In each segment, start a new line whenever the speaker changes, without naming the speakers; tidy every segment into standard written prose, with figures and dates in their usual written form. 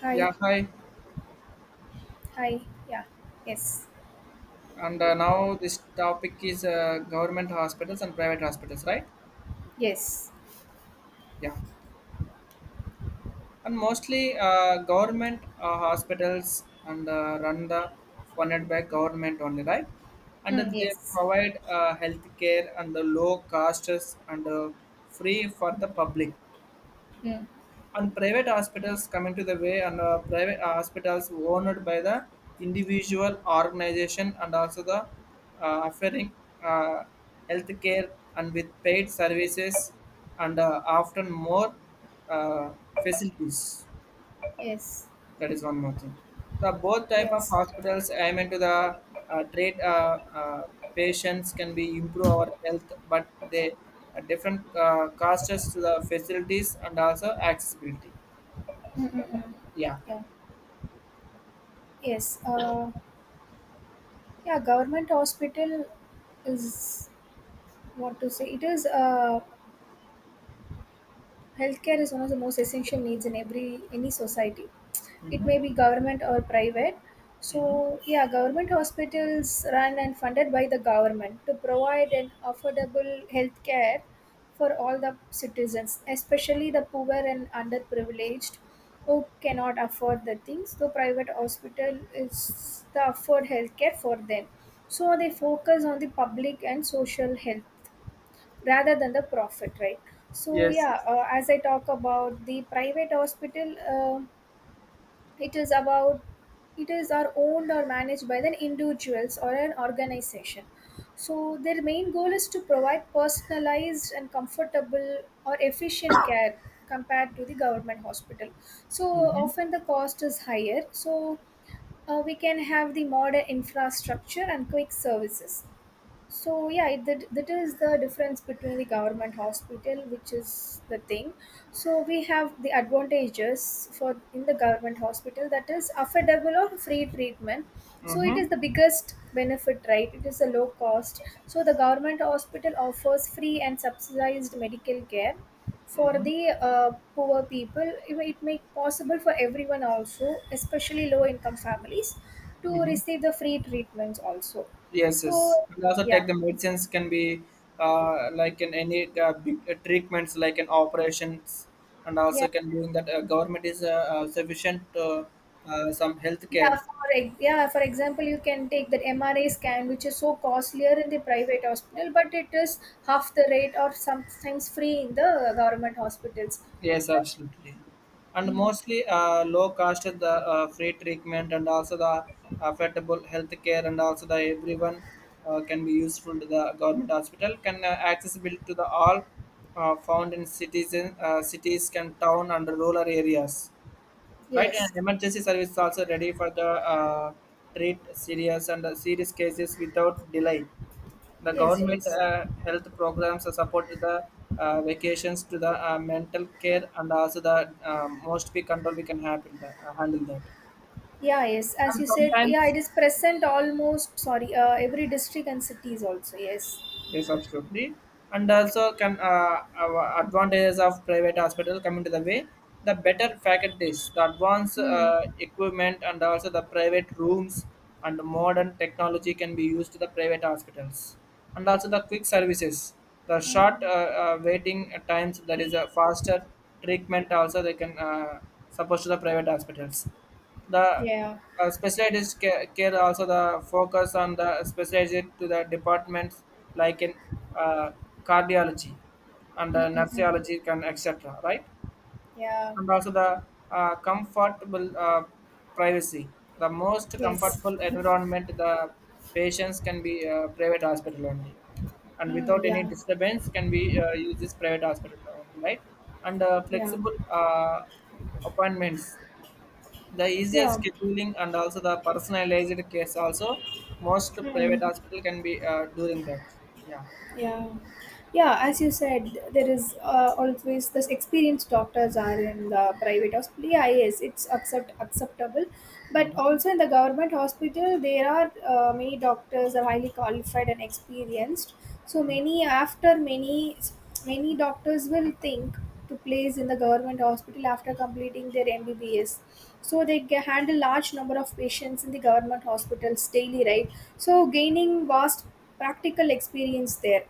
Hi,
Yeah, hi.
hi, yeah, yes,
And now this topic is government hospitals and private hospitals, right?
yes,
Yeah. And mostly government hospitals and run the funded by government only, right? And
mm,
then they
yes,
provide health care and the low costs and free for the public.
mm,
And private hospitals come into the way and private hospitals owned by the individual organization and also the offering uh, healthcare and with paid services and often more uh, facilities.
yes,
That is one more thing, the both type of
yes,
hospitals aim into the treat patients can be improve our health, but they are different costs to the facilities and also accessibility.
mm, mm, mm,
Yeah.
yeah, yes. Yeah, government hospital is what to say. It is Healthcare is one of the most essential needs in every any society. It may be government or private. So yeah, government hospitals run and funded by the government to provide an affordable healthcare for all the citizens, especially the poor and underprivileged who cannot afford the things. The private hospital is the afford healthcare for them. So they focus on the public and social health rather than the profit, right? So
Yes,
yeah,
yes.
as I talk about the private hospital, it is about it is are owned or managed by the individuals or an organization, so their main goal is to provide personalized and comfortable or efficient care compared to the government hospital. So often the cost is higher, so we can have the modern infrastructure and quick services. So yeah, that is the difference between the government hospital, which is the thing. So we have the advantages for in the government hospital, that is affordable or free treatment. So it
Mm-hmm.
is the biggest benefit, right? It is a low cost. So the government hospital offers free and subsidized medical care for the poor people. It make possible for everyone also, especially low income families, to
Mm-hmm.
receive the free treatments also.
Yes, yes.
So
And also,
yeah,
take the medicines can be like in any big, treatments, like in operations, and also
yeah,
can doing that government is sufficient to some health
yeah.
care.
Yeah, for example, you can take that MRI scan, which is so costlier in the private hospital, but it is half the rate or sometimes free in the government hospitals.
Yes, absolutely. And
Mm.
mostly low cost, the free treatment, and also the affordable healthcare, and also the everyone can be useful to the government hospital. Can accessible to the all found in, cities, can town and rural areas. Right,
Yes,
and emergency service is also ready for the treat serious and serious cases without delay. The
yes,
government
yes.
health programs support the vacations to the mental care and also the most be control we can have in the, handle that.
Yeah, yes. As you said, yeah, it is present almost. Sorry, every district and cities also. Yes.
Yes, absolutely. And also, can our advantages of private hospital come into the way? The better faculties, the advanced
Mm.
equipment, and also the private rooms and modern technology can be used to the private hospitals. And also the quick services, the short
Mm.
waiting times, that is a faster treatment. Also, they can suppose to the private hospitals. The
Yeah.
specialized care, also the focus on the specialized to the departments like in uh, cardiology and
Mm-mm-mm.
nurseology can etc. Right,
Yeah.
and also the comfortable privacy. The most
Yes.
comfortable environment the patients can be private hospital only, and without
Mm,
any
yeah.
disturbance can be use this private hospital only, right? And
Yeah.
flexible appointments, the easier
Yeah.
scheduling, and also the personalized case also, most private
Mm.
hospital can be during that. Yeah.
Yeah. Yeah, as you said, there is always this experienced doctors are in the private hospital. Yeah, yes, it's acceptable, but also in the government hospital, there are many doctors are highly qualified and experienced. So many after many many doctors will think to place in the government hospital after completing their MBBS. So they handle large number of patients in the government hospitals daily, right? So gaining vast practical experience there.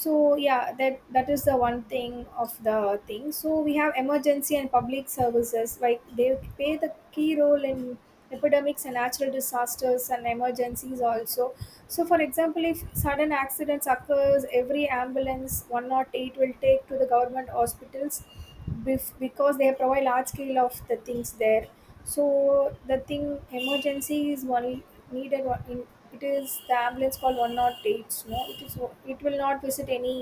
So yeah, that is the one thing of the thing. So we have emergency and public services, like they play the key role in epidemics and natural disasters and emergencies also. So for example, if sudden accidents occurs, every ambulance 108 will take to the government hospitals, because they provide large scale of the things there. So the thing, emergency is one needed one in it is the ambulance call one not eight. No, it is, it will not visit any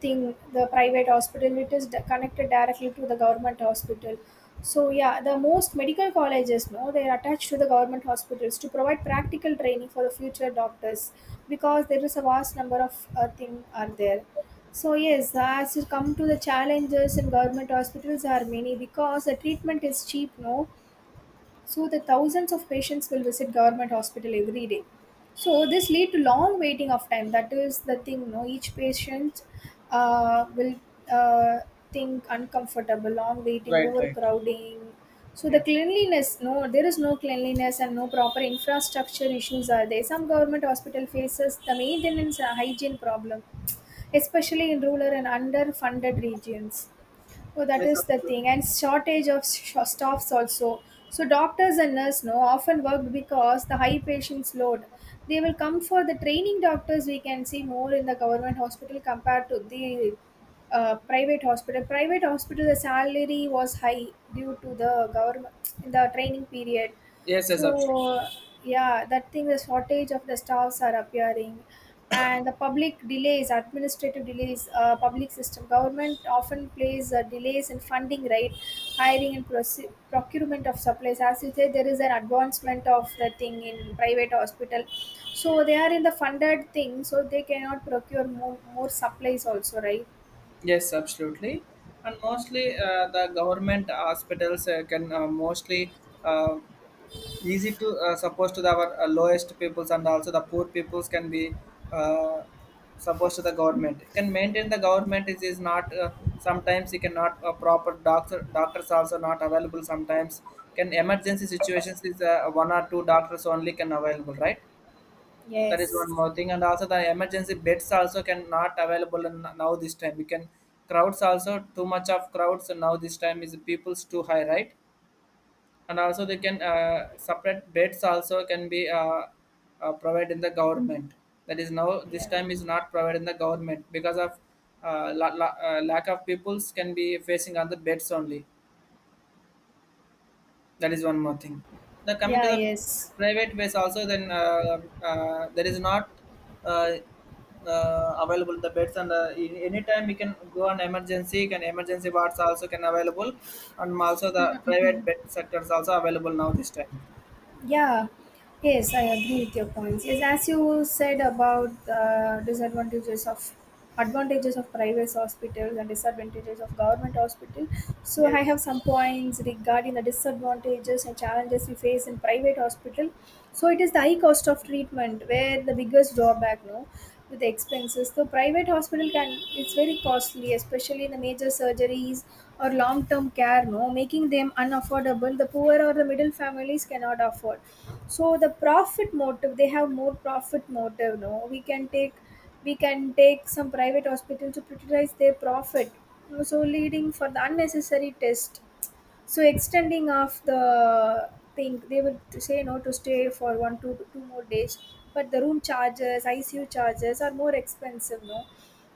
thing the private hospital, it is connected directly to the government hospital. So yeah, the most medical colleges, no, they are attached to the government hospitals to provide practical training for the future doctors, because there is a vast number of thing are there. So yes, as you come to the challenges in government hospitals are many, because the treatment is cheap, no. So the thousands of patients will visit government hospital every day, so this lead to long waiting of time. That is the thing, no, each patient will uh, think uncomfortable long waiting
Right, right.
overcrowding. So the
Yeah,
cleanliness, no, there is no cleanliness and no proper infrastructure issues are there. Some government hospital faces the maintenance and hygiene problem, especially in rural and underfunded regions. Oh, that
yes,
is the
absolutely.
thing, and shortage of staffs also. So doctors and nurse, no, often work because the high patients load. They will come for the training doctors. We can see more in the government hospital compared to the private hospital. Private hospital the salary was high due to the government in the training period.
Yes, yes, absolutely.
So yeah, that thing the shortage of the staffs are appearing, and the public delays, administrative delays, public system government often plays delays in funding, right, hiring and procurement of supplies. As you say, there is an advancement of the thing in private hospital, so they are in the funded thing, so they cannot procure more supplies also, right?
Yes, absolutely. And mostly the government hospitals can mostly uh, easy to suppose to the, our lowest peoples and also the poor peoples can be uh, supposed to the government can maintain. The government is not sometimes you cannot proper doctors also not available. Sometimes can emergency situations is one or two doctors only can available, right? That is one
Yes.
more thing. And also the emergency beds also can not available in, now this time we can crowds, also too much of crowds now this time is people's too high, right? And also they can separate beds also can be provided in the government. That is now this
Yeah.
time is not provided in the government, because of lack of peoples can be facing on the beds only. That is one more thing. The coming to
Yeah.
the
Yes.
private ways also, then there is not uh, available the beds, and in any time you can go on emergency, can emergency wards also can available. And also the
Mm, mm,
private
mm.
bed sectors also available now this time.
Yeah, yes, I agree with your points. Yes, as you said about the disadvantages of advantages of private hospitals and disadvantages of government hospital. So I
Yes,
have some points regarding the disadvantages and challenges we face in private hospital. So it is the high cost of treatment where the biggest drawback, no, with expenses. So private hospital can, it's very costly, especially in the major surgeries or long term care, no, making them unaffordable. The poor or the middle families cannot afford. So the profit motive, they have more profit motive, no. We can take some private hospital to prioritize their profit. So leading for the unnecessary test, so extending of the thing, they would to say no to stay for one, two, two more days, but the room charges, icu charges are more expensive, no.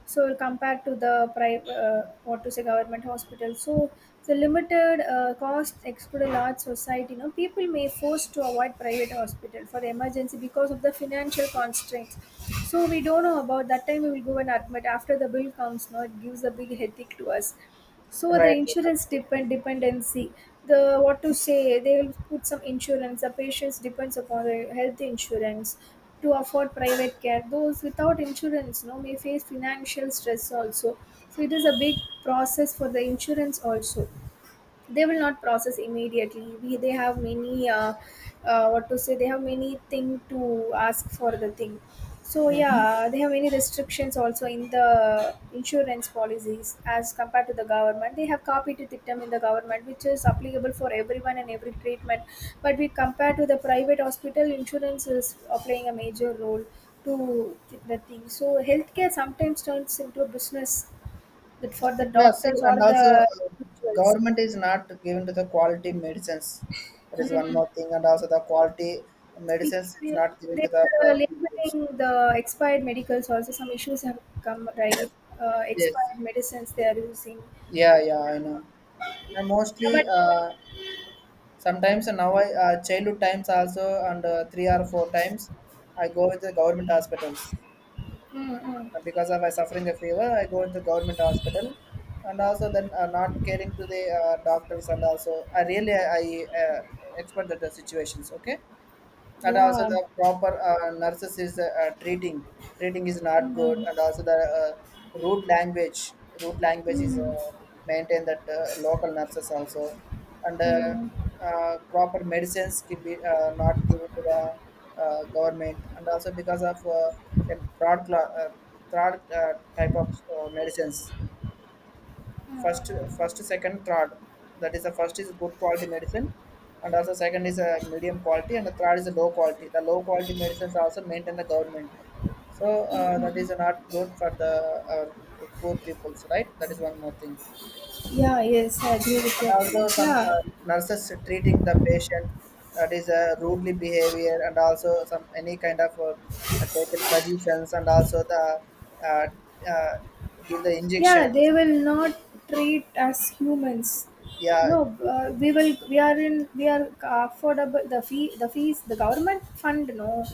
So compared to the private, what to say government hospital, so the limited cost exclude a large society, you know, people may forced to avoid private hospital for emergency because of the financial constraints. So we don't know about that time, we will go and admit after the bill comes, no, it gives a big headache to us.
right,
So the
right,
insurance
absolutely.
dependency, the what to say, they will put some insurance, the patients depends upon the health insurance to afford private care. Those without insurance, no, may face financial stress also. So it is a big process for the insurance also. They will not process immediately. They have many what to say they have many thing to ask for the thing. So
Mhm.
yeah, they have many restrictions also in the insurance policies as compared to the government. They have copied it them in the government, which is applicable for everyone and every treatment. But we compare to the private hospital, insurance is playing a major role to the thing. So healthcare sometimes turns into a business, that for the
Yeah, see,
doctors or
and
the
also government is not given to the quality medicines. That is one
individuals.
more thing, and also the quality
we,
medicines is
we,
not given to the
they're
people.
labeling the expired medicals also, some issues have come, right?
Yes,
Expired medicines they are using.
yeah, yeah, I know. And
Yeah,
mostly,
but
sometimes now I childhood times also, and three or four times, I go with the government hospitals.
mm, mm,
But because of I suffering a fever, I go into government hospital, and also then not caring to the doctors, and also I really I expert the situations. Okay, and also
yeah,
the proper nurses is treating treating is not
mm,
good.
mm,
And also the root language is
mm, mm,
maintained that local nurses also. And
mm. Mm.
proper medicines can be not given to the government, and also because of can fraud, fraud type of medicines. First, first, second, third. That is, the first is good quality medicine, and also second is a medium quality, and the third is a low quality. The low quality medicines also maintain the government. So that is not good for the poor peoples, right? That is one more thing.
Yeah, yes, I agree with
And
your point.
also some
Yeah,
nurses treating the patient, that is a rudely behavior, and also some any kind of taken suggestions, and also the uh, uh, give the
yeah,
injections.
they will not treat us humans,
Yeah.
no.
gi-
We will we are in we are affordable the fee, the fees, the government fund, no.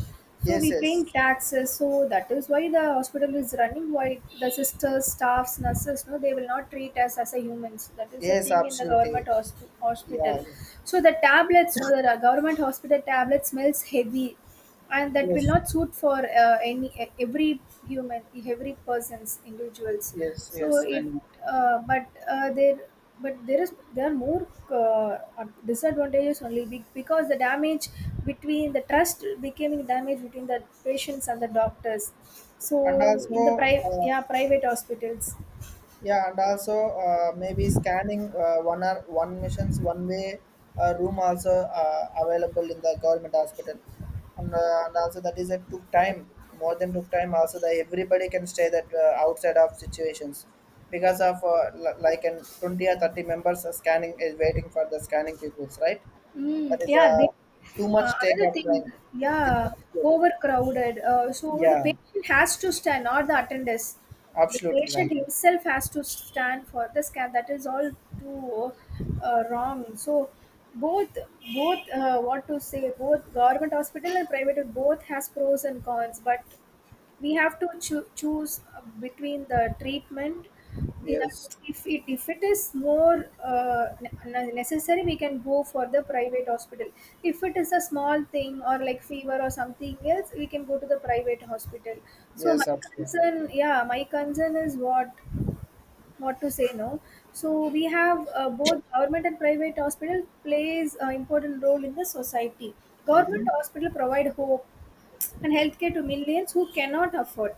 So
yes,
we paying
yes.
taxes, so that is why the hospital is running. Why the sisters, staffs, nurses, no, they will not treat us as a humans. That is the
Yes,
thing in the
absolutely.
government hospital.
Yeah, yeah.
So the tablets, no, the government hospital tablet smells heavy, and that will
Yes.
not suit for any every human, every person's individuals.
Yes.
So
Yes.
it,
And
but there but there is, there are more uh, disadvantages only, because the damage between the trust becoming damage between the patients and the doctors.
and
So in the
also,
private, yeah, private hospitals.
yeah, and also maybe scanning one or one missions one way room also available in the government hospital, and also that is a took time, more than took time. Also, that everybody can stay that outside of situations because of like an 20 or 30 members are scanning is waiting for the scanning peoples, right? That
Mm,
is
yeah, they,
too much take
another
up
thing,
time. It is
yeah,
not good.
overcrowded. So the
Yeah,
patient has to stand, not the attendants. The
absolutely
patient
right.
himself has to stand for the scan. That is all too wrong. So both, both, both government hospital and private, both has pros and cons. But we have to choose between the treatment in a,
Yes,
if it is more necessary, we can go for the private hospital. If it is a small thing or like fever or something else, we can go to the private hospital. So
yes,
my
absolutely.
concern, yeah, my concern is what to say, no. So we have both government and private hospital plays an important role in the society. Government hospital provide hope and healthcare to millions who cannot afford.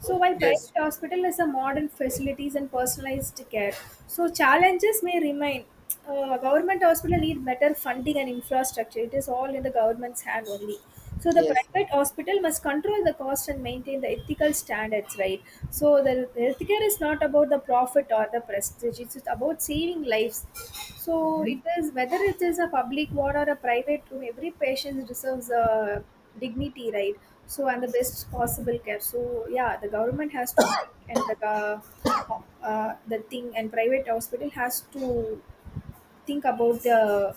So while
Yes,
private hospital has a modern facilities and personalized care, so challenges may remain. Government hospital need better funding and infrastructure. It is all in the government's hand only. So the
yes.
private hospital must control the cost and maintain the ethical standards, right? So the healthcare is not about the profit or the prestige. It's about saving lives. So it is, whether it is a public ward or a private room, every patient deserves a dignity, right? So, and the best possible care. So yeah, the government has to think and the thing, and private hospital has to think about the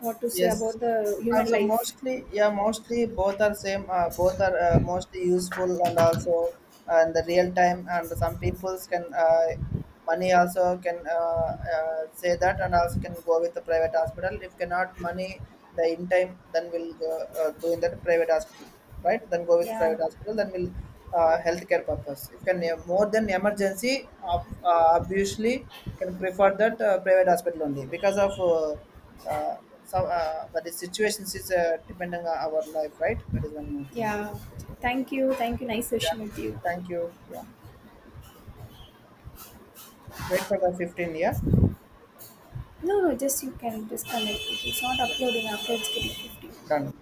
what to say,
Yes,
about the
and
human
also
life.
mostly, yeah, mostly both are same. Both are mostly useful and also and the real time. And some peoples can money also can say that, and also can go with the private hospital. If cannot money the in time, then we'll go do in that private hospital, right? Then go with
Yeah,
private hospital, then we'll healthcare purpose, if can more than emergency of obviously can prefer that private hospital only, because of some but the situations is depending on our life, right? That is one more thing.
yeah, thank you, thank you, nice
Yeah,
session with you.
thank you. Yeah, wait for the 15. Yeah,
No, no, just you can disconnect it, it's not
yeah,
uploading after it's getting 50.
done.